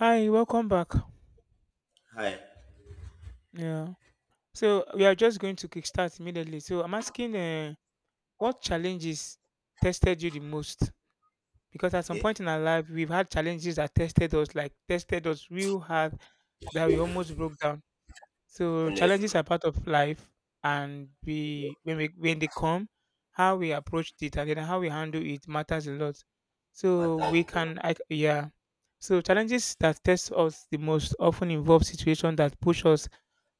Hi, welcome back. Hi. Yeah. So we are just going to kickstart immediately. So I'm asking, what challenges tested you the most? Because at some point Okay. in our life, we've had challenges that tested us, like tested us real hard, that we almost broke down. So challenges Honestly, are part of life, and we when they come, how we approached it and then how we handle it matters a lot. So matters a lot. Yeah. So challenges that test us the most often involve situations that push us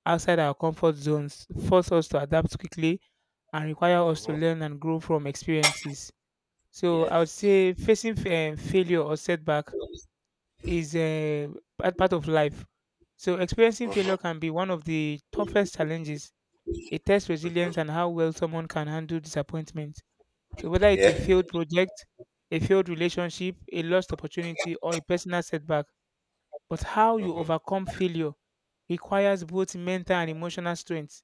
outside our comfort zones, force us to adapt quickly, and require us to Mm-hmm. learn and grow from experiences. So I would Yes. say facing failure or setback is a part of life. So experiencing Mm-hmm. failure can be one of the toughest challenges. It tests Mm-hmm. resilience and how well someone can handle disappointment. So whether it's a Yeah. failed project, a failed relationship, a lost opportunity, or a personal setback, but how you Mm-hmm. overcome failure requires both mental and emotional strength.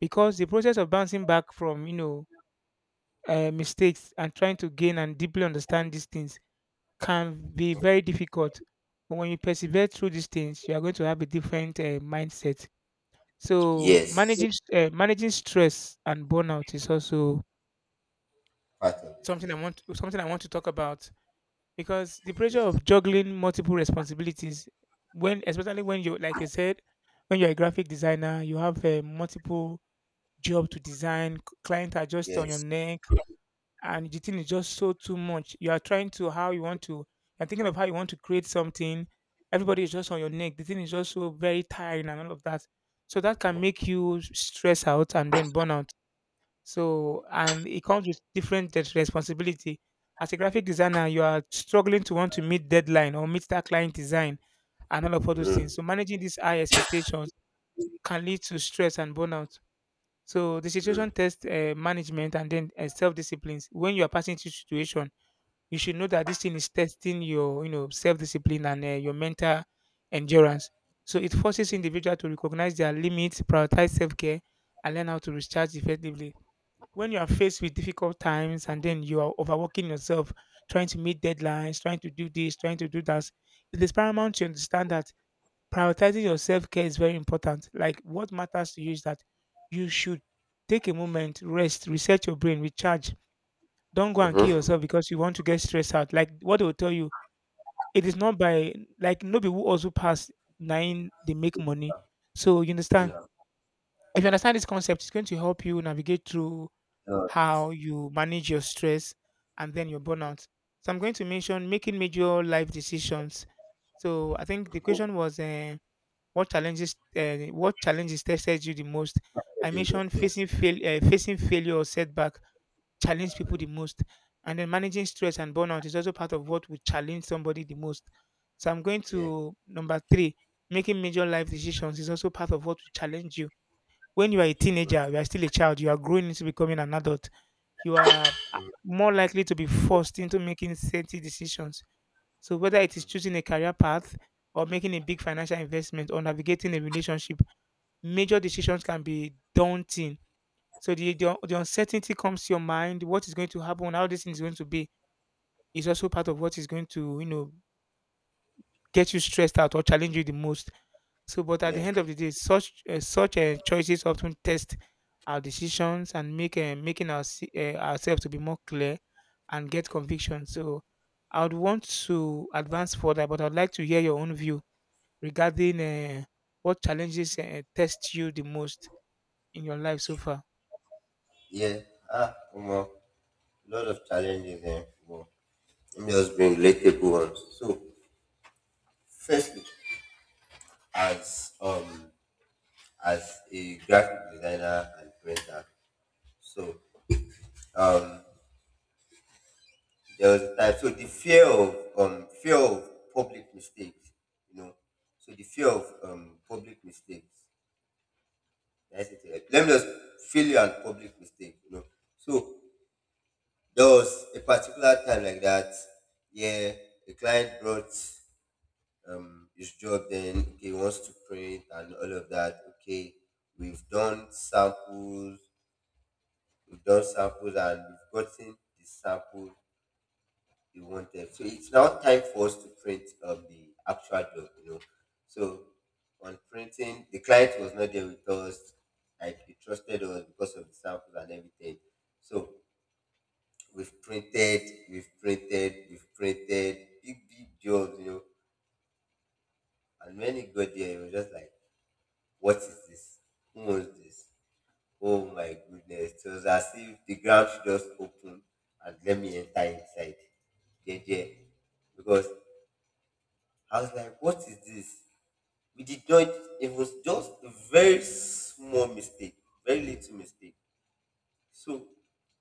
Because the process of bouncing back from mistakes and trying to gain and deeply understand these things can be Mm-hmm. very difficult, but when you persevere through these things, you are going to have a different mindset. So Yes. managing managing stress and burnout is also Part of it. something i Yeah. want something i want to talk about, because the Yeah. pressure of juggling multiple responsibilities, when especially when you, like you said, when you're a graphic designer, you have multiple job to design, client are just on your Yes. neck, and the thing is just so too much. You are trying to how you want to. You're thinking of how you want to create something. Everybody is just on your neck. The thing is just so very tiring and all of that. So that can make you stress out and then burn out. So and it comes with different responsibility. As a graphic designer, you are struggling to want to meet deadline or meet that client design and all those things. Mm. So managing these high expectations can lead to stress and burnout. So the Mm. situation test management and then self-disciplines. When you are passing through situation, you should know that this thing is testing your, you know, self-discipline and your mental endurance. So it forces Yeah. individual to recognize their limits, prioritize self-care, and learn how to recharge effectively. When you are faced with difficult times and then you are overworking yourself, trying to meet deadlines, trying to do this, trying to do that, it is paramount to understand that prioritizing your self-care is very important. Like what matters to you is that you should take a moment, rest, reset your brain, recharge. Don't go and kill Mm-hmm. yourself because you want to get stressed out. Like what they will tell you, it is not by like nobody who also pass nine they make money. So you And understand. If you understand this concept, it's going to help you navigate through no, how you manage your stress and then your burnout. So I'm going to mention making major life decisions. So I think the question was, what challenges tested you the most? I I think mentioned yeah. facing failure or setback challenge people Mm. the most, and then managing stress and burnout is also part of what would challenge somebody the most. So I'm going Yeah. to number three. Making major life decisions is also part of what will challenge you. When you are a teenager, you Mm-hmm. are still a child, you are growing into becoming an adult. You are more likely to be forced into making certain decisions, so whether it is choosing a career path or making a big financial investment or navigating a relationship, major decisions can be daunting. So the uncertainty comes to your mind, what is going to happen, how this thing is going to be is also part of what is going to, you know, get you stressed out or challenge you the most. So, but at the Yeah. end of the day, such choices often test our decisions and make making ourselves to be more clear and get conviction. So, I would want to advance further, but I'd like to hear your own view regarding what challenges test you the most in your life so far? Yeah. Ah, come on. Lot of challenges there. Well, let me just bring relatable ones. So, firstly, as as a graphic designer and printer, so um there was a time. So the fear of public mistakes, you know. So the fear of public mistakes. That's it. Like, let me just failure and public mistake, you know. So there was a particular time like that. Yeah, a client brought his job. Then okay, he wants to print and all of that. Okay, we've done samples. We've done samples and we've gotten the samples you wanted. So it's now time for us to print up the actual job, you know. So on printing, the client was not there with us, like he trusted us because of the samples and everything. So we've printed, we've printed big, big jobs, you know. And when he got there, he was just like, what is this? Who owns this? Oh my goodness. So it was as if the ground should just open and let me enter inside. JJ. Because I was like, what is this? We did not, it was just a very small mistake, very little mistake. So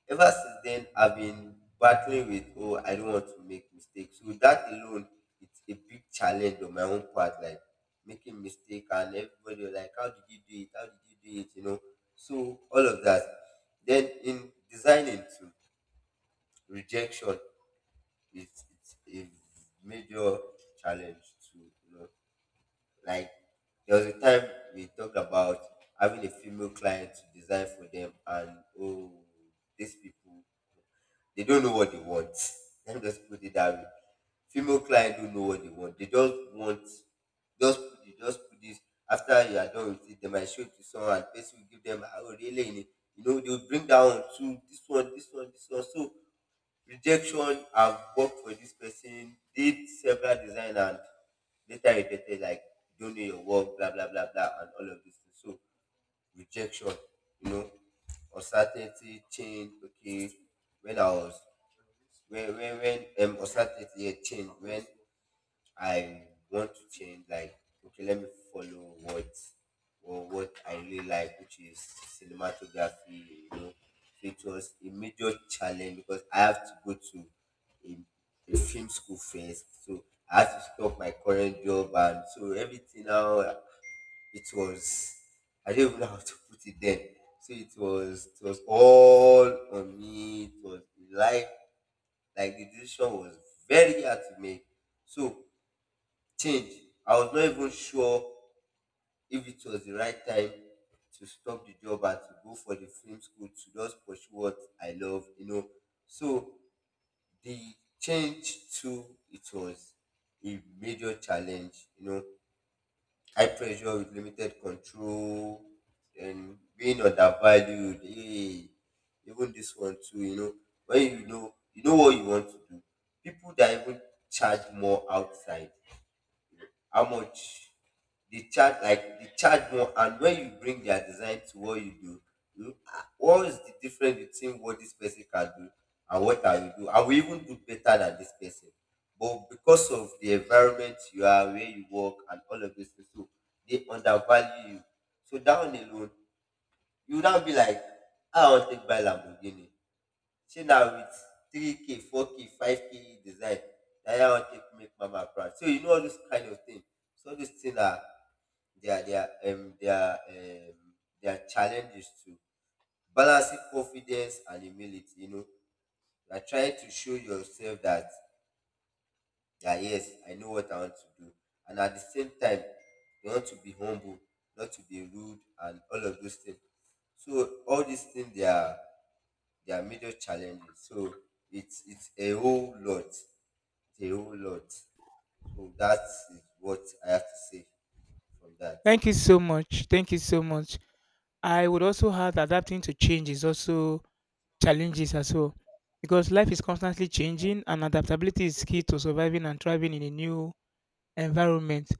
ever since then, I've been battling with, oh, I don't want to make mistakes. So that alone, it's a big challenge on my own part, like making mistake and everybody was like, how did you do it? How did you do it? You know, so all of that. Then in designing too, rejection, it's a major challenge too, you know. Like there was a time we talked about having a female client to design for them, and oh, these people they don't know what they want. Let me just put it that way. Female client don't know what they want. They just want just put it, just put this. After you are done with it, they might show it to someone and person will give them, "Ah, oh really, you know, they'll bring down to this one, this one, this one. So rejection, I've worked for this person, did several design and later regretted like, you don't know your work, blah blah blah blah and all of this thing. So rejection, you know, uncertainty change. Okay, when I was when uncertainty, change. When I want to change, like, okay, let me follow what or what I really like, which is cinematography, you know. So it was a major challenge because I have to go to a, a film school first. So I had to stop my current job and so everything now it was, I don't even know how to put it then. So it was all on me. It was like like the decision was very hard to make. So change. I was not even sure if it was the right time to stop the job and to go for the film school to just pursue what I love, you know. So the change too, it was a major challenge, you know. High pressure with limited control and being undervalued. Hey, even this one too, you know. When you know, you know what you want to do. People that even charge more outside, how much they charge, like they charge more, and when you bring their design to what you do, you, ah, what is the difference between what this person can do and what I will do? I will even do better than this person, but because of the environment you are, where you work and all of this, so they undervalue you. So down alone, you would not be like, "Ah, I want to take buy Lamborghini," she now with 3K, 4K, 5K design. That I want to make mama proud. So you know all this kind of thing. So all these things are, they are they are challenges to balancing confidence and humility, you know. You are trying to show yourself that yeah, yes, I know what I want to do. And at the same time, you want to be humble, not to be rude and all of those things. So all these things, they are their major challenges. So it's a whole lot. It's a whole lot. So that is what I have to say from that. Thank you so much. Thank you so much. I would also add adapting to change is also challenges as well, because life is constantly changing and adaptability is key to surviving and thriving in a new environment.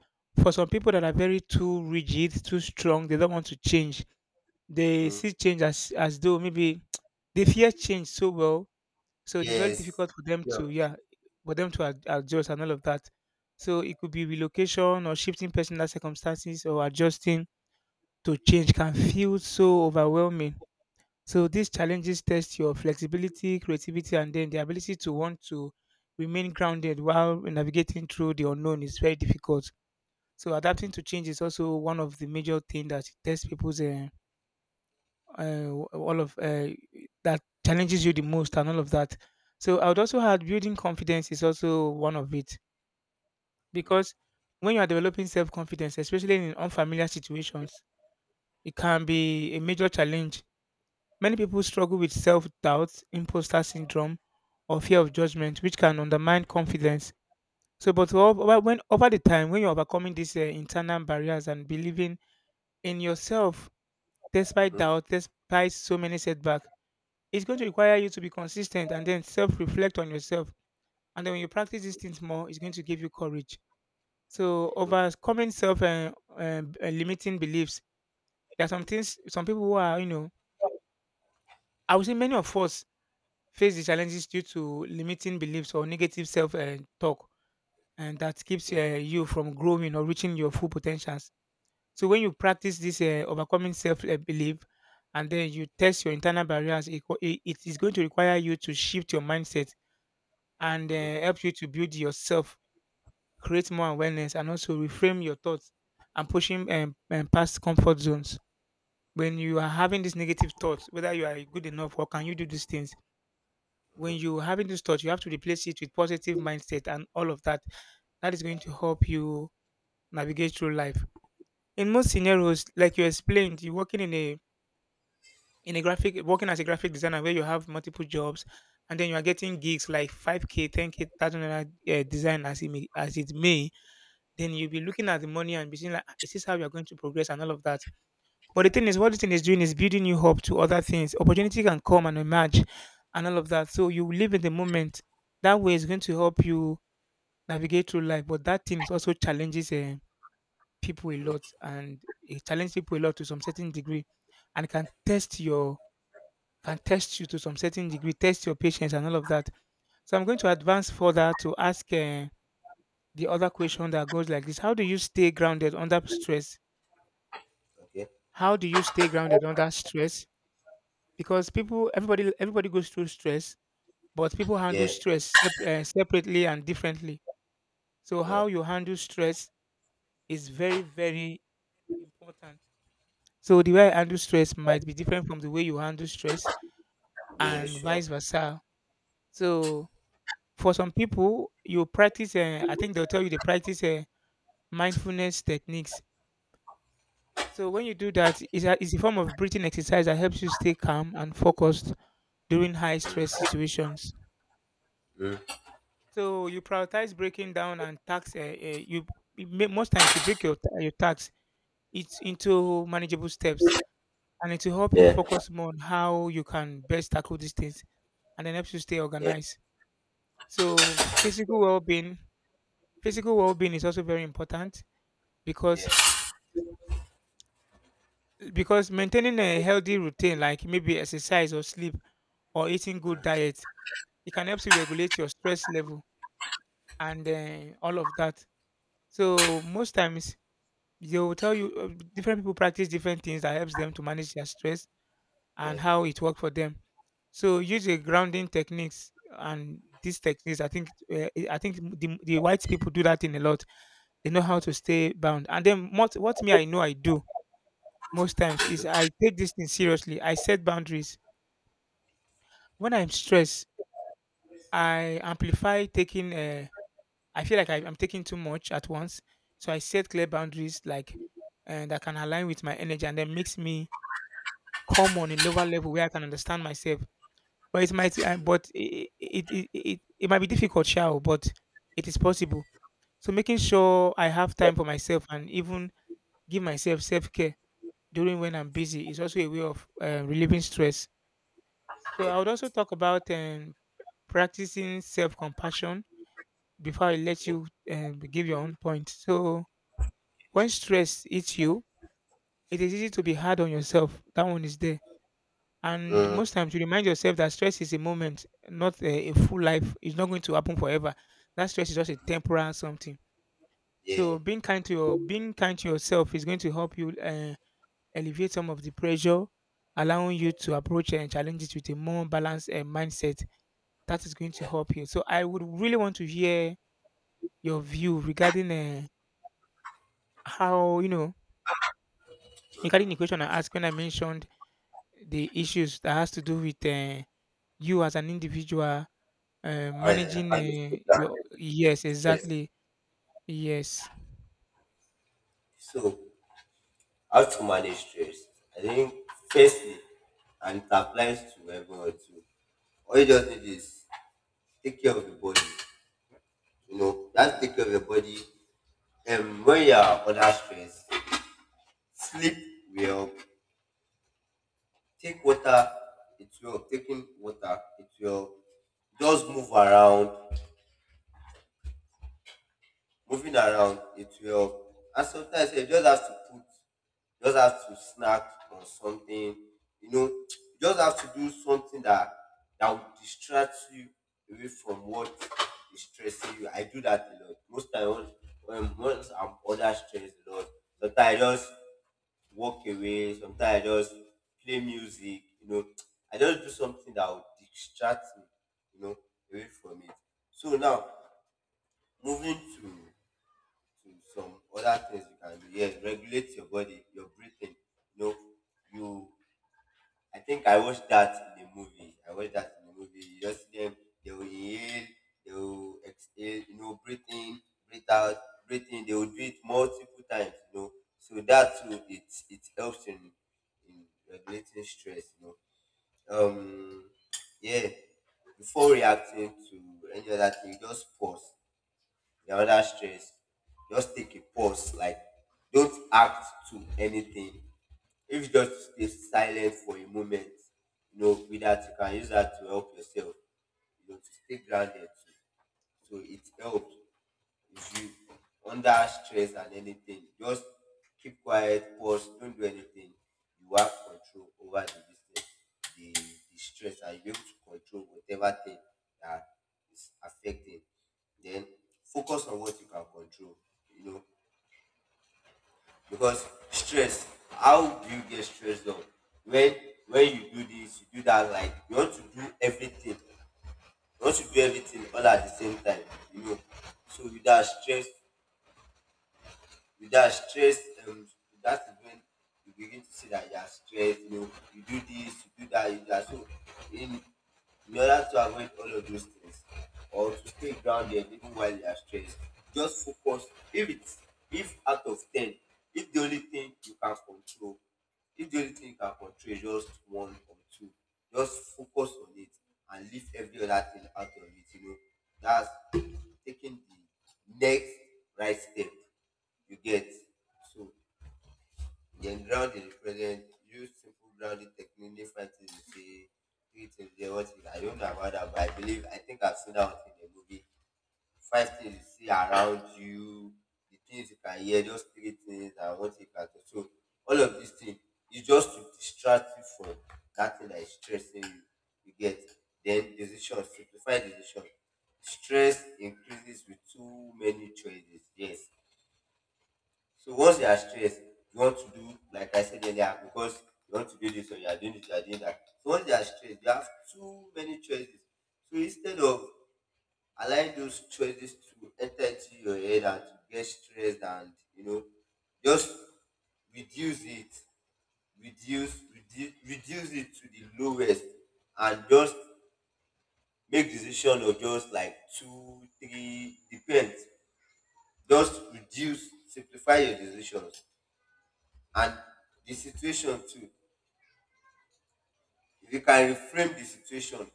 For some people that are very too rigid, too strong, they don't want to change. They Mm, see change as though maybe they fear change so well, so it is very yes. difficult for them Yeah. to, yeah, for them to adjust and all of that. So it could be relocation or shifting personal circumstances, or adjusting to change can feel so overwhelming. So these challenges test your flexibility, creativity, and then the ability to want to remain grounded while navigating through the unknown is very difficult. So Mm-hmm. adapting to change is also one of the major things that tests people's all of that challenges you the most and all of that. So I would also add building confidence is also one of it, because when you are developing self confidence, especially in unfamiliar situations, it can be a major challenge. Many people struggle with self doubt, imposter syndrome, or fear of judgment, which can undermine confidence. So, but ov- over- when over the time, when you're overcoming these internal barriers and believing in yourself despite Mm-hmm. doubt, despite so many setbacks. It's going to require you to be consistent and then self reflect on yourself. And then when you practice these Mm-hmm. things more, it's going to give you courage. So, Mm-hmm. overcoming self and limiting beliefs, there are some things, some people who are, you know, I would say many of us face the challenges due to limiting beliefs or negative self talk, and that keeps Okay. you from growing or reaching your full potentials. So when you practice this overcoming self belief, and then you test your internal barriers, it, co- it is going to require you to shift your mindset and Mm-hmm. Help you to build yourself, create more awareness, and also reframe your thoughts and pushing past comfort zones. When you are having these negative thoughts, whether you are good enough or can you do these things, Mm-hmm. when you're having these thoughts, you have to replace it with positive mindset and all of that. That is going to help you navigate through life. In most scenarios, like you explained, you're working as a graphic designer where you have multiple jobs, and then you are getting gigs like 5K 10K $1,000 design, as it may, then you'll be looking at the money and be saying like, "Ah, is this how you're going to progress and all of that," but the thing is, what the thing is doing is building you up to other things, opportunity can come and emerge and all of that. So you live in the moment, that way is going to help you navigate through life, but that thing is also challenges people a lot, and it challenges people a lot to some certain degree, and can test you to some certain degree, test your patience and all of that. So I'm going to advance further to ask the other question that goes like this: how do you stay grounded under stress? Okay. How do you stay grounded under stress? Because people, everybody goes through stress, but people handle Yeah. stress separately and differently. So Yeah. how you handle stress is very, very important. So the way I handle stress might be different from the way you handle stress, Yeah. and Sure. vice versa. So for some people, you practice, I think they'll tell you they practice mindfulness techniques. So when you do that, it's a form of breathing exercise that helps you stay calm and focused during high stress situations. Mm, So you prioritize breaking down and tasks. You you may, most times you break your tasks it's into manageable steps, and it will help you yeah. focus more on how you can best tackle these things, and then helps you stay Yeah. organized. So physical well-being is also very important, Yeah. because Because maintaining a healthy routine like maybe exercise or sleep or eating good diet, it can help to regulate your stress level and all of that. So most times they will tell you different people practice different things that helps them to manage their stress and Yeah. how it worked for them. So use a grounding techniques and these techniques. I think the white people do that in a lot. They know how to stay bound. And then what me I know I do most times is I take this thing seriously. I set boundaries. When I'm stressed, I amplify taking. I feel like I'm taking too much at once, so I set clear boundaries like that can align with my energy, and then makes me calm on a lower level where I can understand myself. But it might, but it might be difficult, shall but it is possible. So making sure I have time for myself and even give myself self care during when I'm busy is also a way of relieving stress. So Yeah. I would also talk about practicing self compassion before I let Okay. you give your own point. So when stress hits you, it is easy to be hard on yourself. That one is there. And Mm, most times you remind yourself that stress is a moment, not a full life. It's not going to happen forever. That stress is just a temporal something. So yeah. Being kind to yourself is going to help you alleviate some of the pressure, allowing you to approach and challenge it with a more balanced mindset. That is going to help you. So I would really want to hear your view regarding how you know regarding the question I asked when I mentioned the issues that has to do with you as an individual I managing I understood that. your Yeah. yes Stress. exactly yes. So how to manage stress? I think firstly, and it applies to everyone too. All you just need is take care of the body. You know, that's take care of your body. And when you are under stress, sleep well. Take water, it's well. Taking water, it's well. Just move around. Moving around it will help, and sometimes you just have to put, you just have to snack on something, you know, you just have to do something that, that will distract you away from what is stressing you. I do that a lot. Most times, once I'm under stress a lot, sometimes I just walk away, sometimes I just play music, you know, I just do something that will distract me, you know, away from it. So now moving to some other things you can do. Yes, regulate your body, your breathing. You know, you. I think I watched that in the movie. I watched that in the movie. You just see them. They will inhale. They will exhale. You know, breathe in, breathe out, breathe in. They will do it multiple times. You know, so that too, it helps in regulating stress. You know, yeah. Before reacting to any other thing, just pause. You're under stress, just take a pause. Like, don't act to anything. If you just stay silent for a moment, you know, with that, you can use that to help yourself, you know, to stay grounded. So, so it helps. If you under stress and anything, just keep quiet, pause, don't do anything. You have control over the business, the stress, and you'll be able to control whatever thing that is affecting. Then focus on what you can control, you know, because stress, how do you get stressed out? When when you do this, you do that, like you want to do everything. You want to do everything all at the same time, you know. So you that stress. With that stress, um, with that is when you begin to see that you are stressed. You know, you do this, you do that, you do that. So, in in order to avoid all of those things or to stay grounded even while you are stressed, just focus. If it's, if out of ten, if the only thing you can control if the only thing you can control is just one or two, just focus on it and leave every other thing out of it, you know. That's taking the next right step. You get? So then ground dey represent, use simple grounding technique make fighting be say three things you dey what is. I don't know about that, but I believe, I think I've seen that one in a movie. Five things you see around you, the things you can hear, just three things and what you can do. So all of these things is just to distract you from that thing that is stressing you. You get? Then decision, simplify decision. Stress increases with too many choices. Yes, so once you are stressed, you want to do, like I said earlier, because you want to do this or you are doing this, you are doing that. So once you are stressed, you have too many choices. So instead of allowing those choices to enter into your head and to get stressed and you know, just reduce it, reduce it to the lowest, and just make decision of just like two, three, depends. Just reduce, simplify your decisions and the situation too. If you can reframe the situation,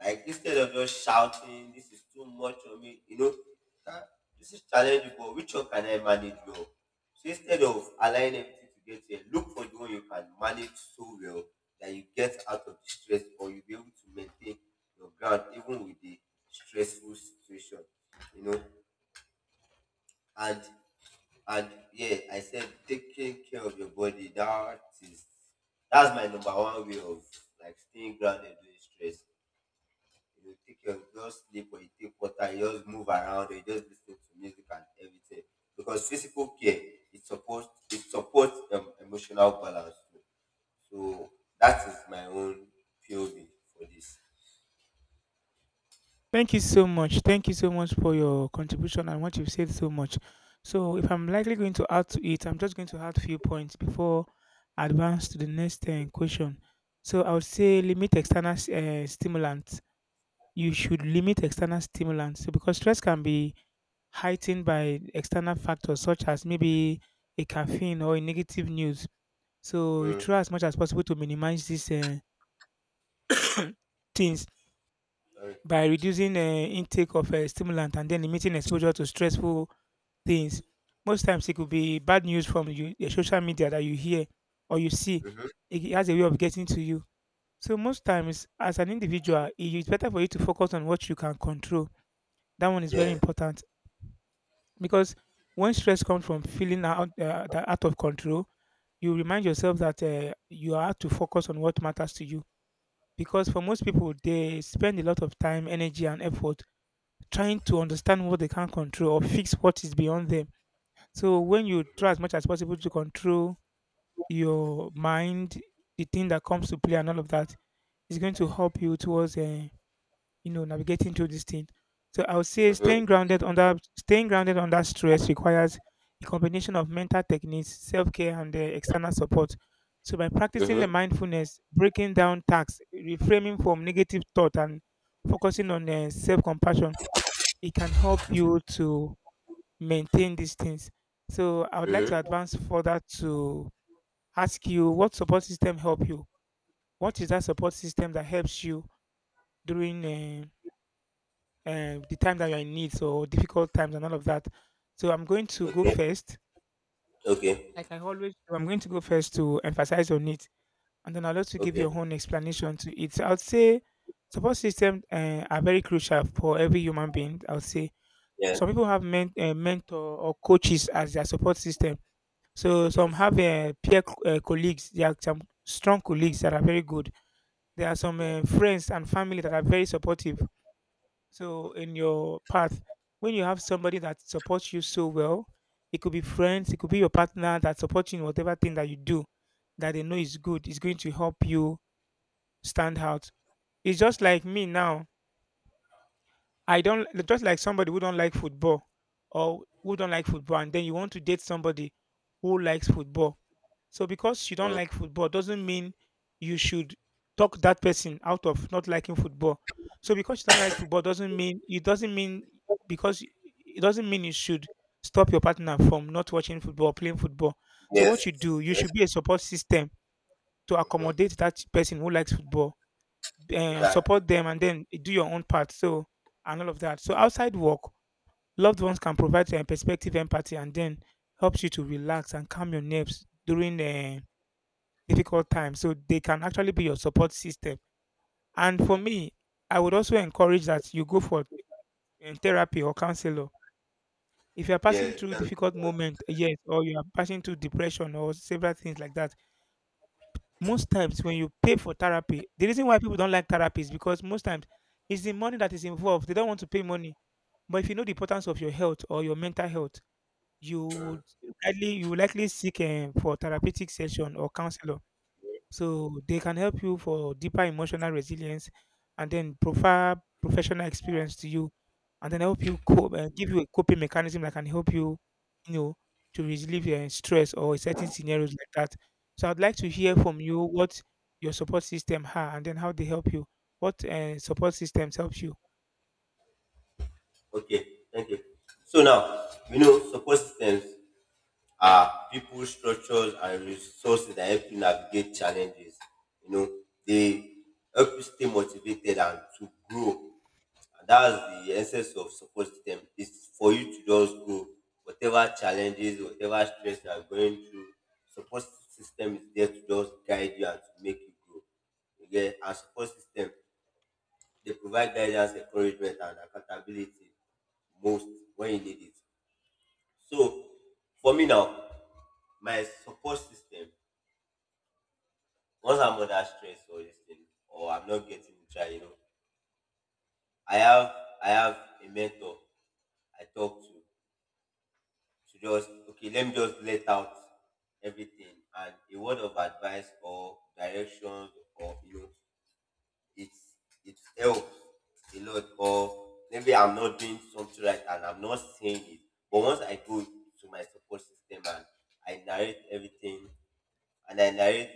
like instead of just shouting, this is too much on me, you know, "Ah, this is challengeable, which one can I manage well?" So instead of allowing everything to get here, look for the one you can manage so well that you get out of the stress or you'll be able to maintain your ground even with the stressful situation, you know. And And yeah, I said taking care of your body. That is, that's my number one way of like staying grounded during stress. You know, take you just sleep, or you take water, you just move around, or you just listen to music and everything. Because physical care it supports emotional balance too. So that is my own POV for this. Thank you so much. Thank you so much for your contribution and what you've said so much. So if I'm likely going to add to it, I'm just going to add few points before I advance to the next question. So I would say limit external stimulants. You should limit external stimulants so because stress can be heightened by external factors such as maybe a caffeine or a negative news. So you Mm, try as much as possible to minimize these things sorry. by reducing intake of stimulant and then limiting exposure to stressful things. Most times it could be bad news from you, the social media that you hear or you see. Mhm. It has a way of getting to you. So most times, as an individual, it is better for you to focus on what you can control. That one is very Yeah. important, because when stress comes from feeling out, that out of control, you remind yourself that you have to focus on what matters to you. Because for most people, they spend a lot of time, energy, and effort trying to understand what they can't control or fix what is beyond them. So when you try as much as possible to control your mind, the thing that comes to play, and all of that is going to help you towards you know navigating through this thing. So I would say Mhm. Staying grounded under stress requires a combination of mental techniques, self-care, and external support. So by practicing the Mhm. mindfulness, breaking down tasks, reframing from negative thought, and focusing on self-compassion, it can help you to maintain these things. So I would like to Mhm. advance further to ask you what support system help you, what is that support system that helps you during the time that you're in need, so difficult times and all of that. So I'm going to go Okay. first. Okay. Like I always do, I'm going to go first to emphasize on it, and then I'll also give Okay. your own explanation to it. So I'd say support systems are very crucial for every human being. I'll say Yeah. some people have mentor or coaches as their support system. So some Yes. have colleagues. There are some strong colleagues that are very good. There are some Yeah. Friends and family that are very supportive. Mhm. So in your path, when you have somebody that supports you so well, it could be friends, it could be your partner that supports you in whatever thing that you do that they know is good, is going to help you stand out. It's just like me now. I don't just like somebody who don't like football or who don't like football and then you want to date somebody who likes football, so because you don't Mm, like football doesn't mean you should talk that person out of not liking football. So because you don't like football doesn't mean, it doesn't mean, because it doesn't mean you should stop your partner from not watching football, or playing football. So yes. what you do, you Yes. should be a support system to Hmm. accommodate that person who likes football, Exactly. support them, and then do your own part. So and all of that. So outside work, loved ones can provide perspective, empathy, and then helps you to relax and calm your nerves during the difficult time. So they can actually be your support system. And for Hmm. me, I would also encourage that you go for therapy or counselor. If you are Yeah. passing Thank you. through very difficult much. moment, yes, or you are passing through depression or several things like that, most times when you pay for therapy, the reason why people don't like therapy is because most times it's the money that is involved. They don't want to pay money. But if you know the importance of your health or your mental health, you Mhm. would likely you will likely seek for therapeutic session or counselor. So they can help you for deeper emotional resilience and then prefer professional experience to you and then help you cope and give you a coping mechanism that can help you, you know, to relieve your stress or certain scenarios like that. So I'd like to hear from you what your support system are and then how they help you. What support systems help you? Okay. Thank you. So now, you know, support systems are people, structures, and resources that help you navigate challenges. You know, they help you stay motivated and to grow. That's the essence of support system. It's for you to just go whatever challenges, whatever stress you are going through, support system is there to just guide you and to make you grow. Okay, and support system, they provide guidance, encouragement, and accountability most when you need it. So for me now, my support system, once I'm under stress or this thing or I'm not getting try, you know, i have I have a mentor I talk to just, okay, let me just let out everything, and a word of advice or direction, or you know, it's it helps a lot. Or maybe I'm not doing something right and I'm not saying it, but once I go to my support system and I narrate everything, and I narrate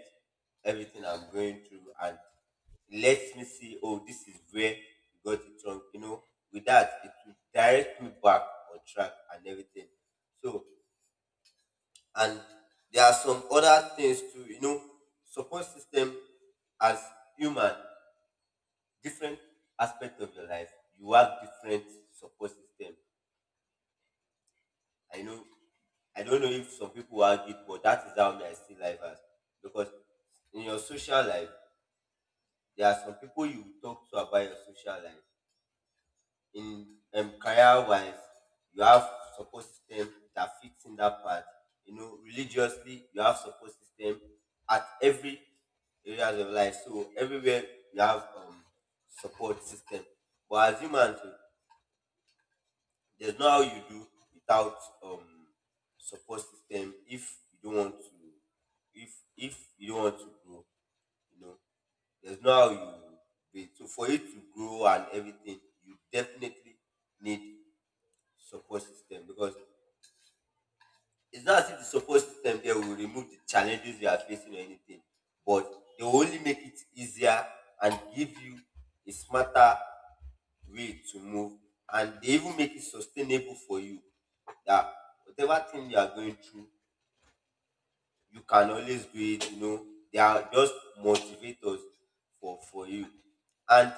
everything I'm going through, and lets me see, oh, this is where you got it wrong. You know, with that, it will direct me back on track and everything. So and there are some other things too, you know. Support system, as human, different aspect of your life, you have different support system. I know, I don't know if some people argue, but that is how me I see life as. Because in your social life, there are some people you talk to about your social life. In career wise, you have support system that fits in that part. You know, religiously, you have support system at every areas of life. So everywhere you have support system. But as humans, oh, there's no how you do without um, support system if you don't want to, if you don't want to grow, you know, there's no how you do it. So for you to grow and everything, you definitely need support system. Because it's not as if the support system there will remove the challenges you are facing or anything, but they will only make it easier and give you a smarter way to move, and they even make it sustainable for you. That whatever thing you are going through, you can always do it. You know, they are just motivators for you. And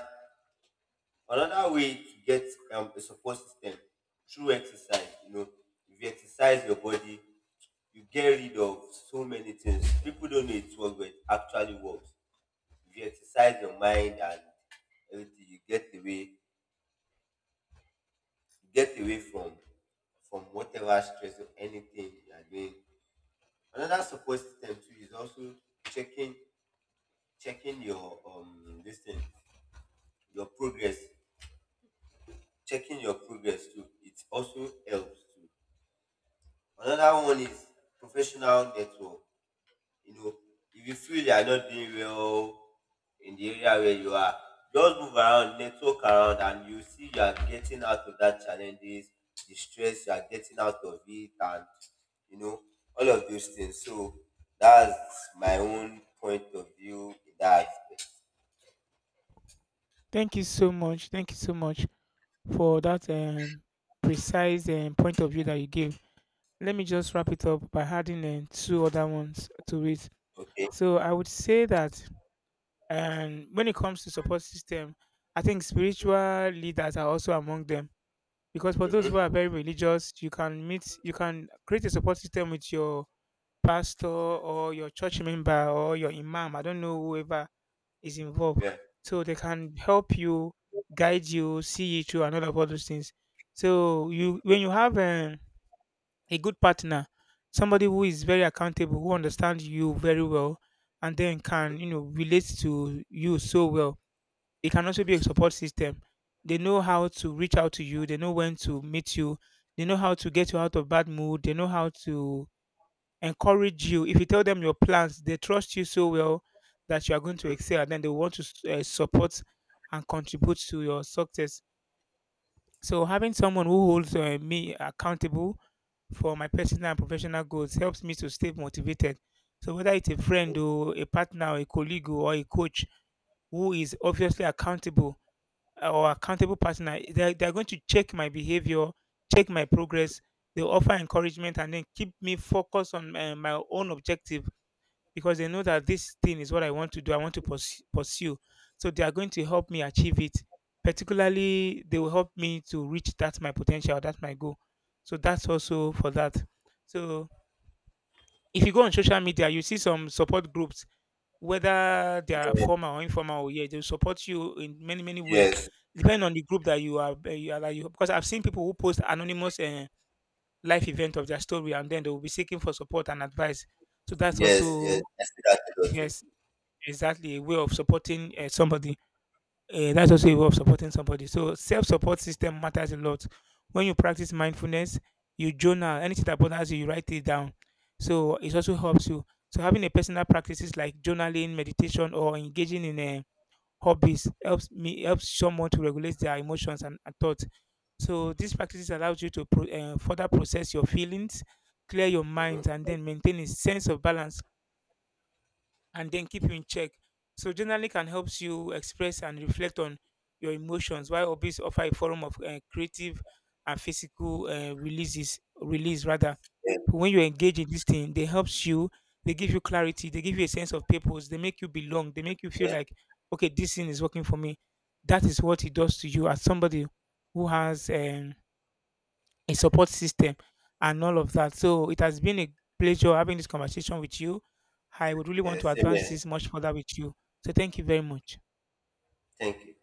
another way to get a support system, through exercise, you know, if you exercise your body, you get rid of so many things. People don't know it works, but it actually works. If you exercise your mind and everything, you get away from whatever stress or anything you are doing. Another support system too is also checking checking your this thing, your progress, checking your progress too. It also helps too. Another one is professional network. You know, if you feel you are not doing well in the area where you are, just move around, network around, and you see you are getting out of that challenges, the stress, you are getting out of it, and you know, all of those things. So that's my own point of view in that aspect. Thank you so much. Thank you so much for that precise point of view that you gave. Let me just wrap it up by adding two other ones to it. Okay. So I would say that when it comes to support system, I think Mm-hmm. spiritual leaders are also among them, because for those who Mm-hmm. are very religious, you can meet, you can create a support system with your pastor or your church member or your imam. I don't know whoever is involved, Yeah. so they can help you, guide you, see you through, and all of all those things. So you, when you have a good partner, somebody who is very accountable, who understands you very well, and then Mm-hmm. can you know relate to you so well. It can also be a support system. They know how to reach out to you. They know when to meet you. They know how to get you out of bad mood. They know how to encourage you. If you tell them your plans, they trust you so well that you are going to Mm-hmm. excel, and then they want to support and contribute to your success. So having someone who holds me accountable for my personal and professional goals helps me to stay motivated. So whether it's a friend or a partner or a colleague or a coach who is obviously accountable or accountable partner, they're going to check my behavior, check my progress. They offer encouragement and then keep me focused on my own objective, because they know that this thing is what I want to do, I want to pursue. So they are going to help me achieve it. Particularly, they will help me to reach that my potential, that's my goal. So that's also for that. So if you go on social media, you see some support groups, whether they are formal or informal, or yeah, they will support you in many many ways, Yes. depending on the group that you are. You are that you, because I've seen people who post anonymous life event of their story, and then they will be seeking for support and advice. So that's Yes. Yes, also I see that a lot too. yes, exactly a way of supporting somebody. That's also a way of supporting somebody. So self-support system matters a lot. When you practice mindfulness, you journal anything that bothers you, you write it down. So it also helps you. So having a personal practices like journaling, meditation, or engaging in hobbies helps someone to regulate their emotions and thoughts. So these practices allows you to further process your feelings, clear your mind, and Mm-hmm. then maintain a sense of balance and then keep you in check. So journaling can help you express and reflect on your emotions, while hobbies offer a forum of creative and physical release rather. Yeah. When you engage in this thing, they helps you, they give you clarity, they give you a sense of purpose, they make you belong, they make you feel Yeah. like, okay, this thing is working for me. That is what it does to you as somebody who has a support system and all of that. So it has been a pleasure having this conversation with you. I would really want Yeah. to Same advance here. this much further with you. So thank you very much. Thank you.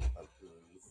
Alquimista.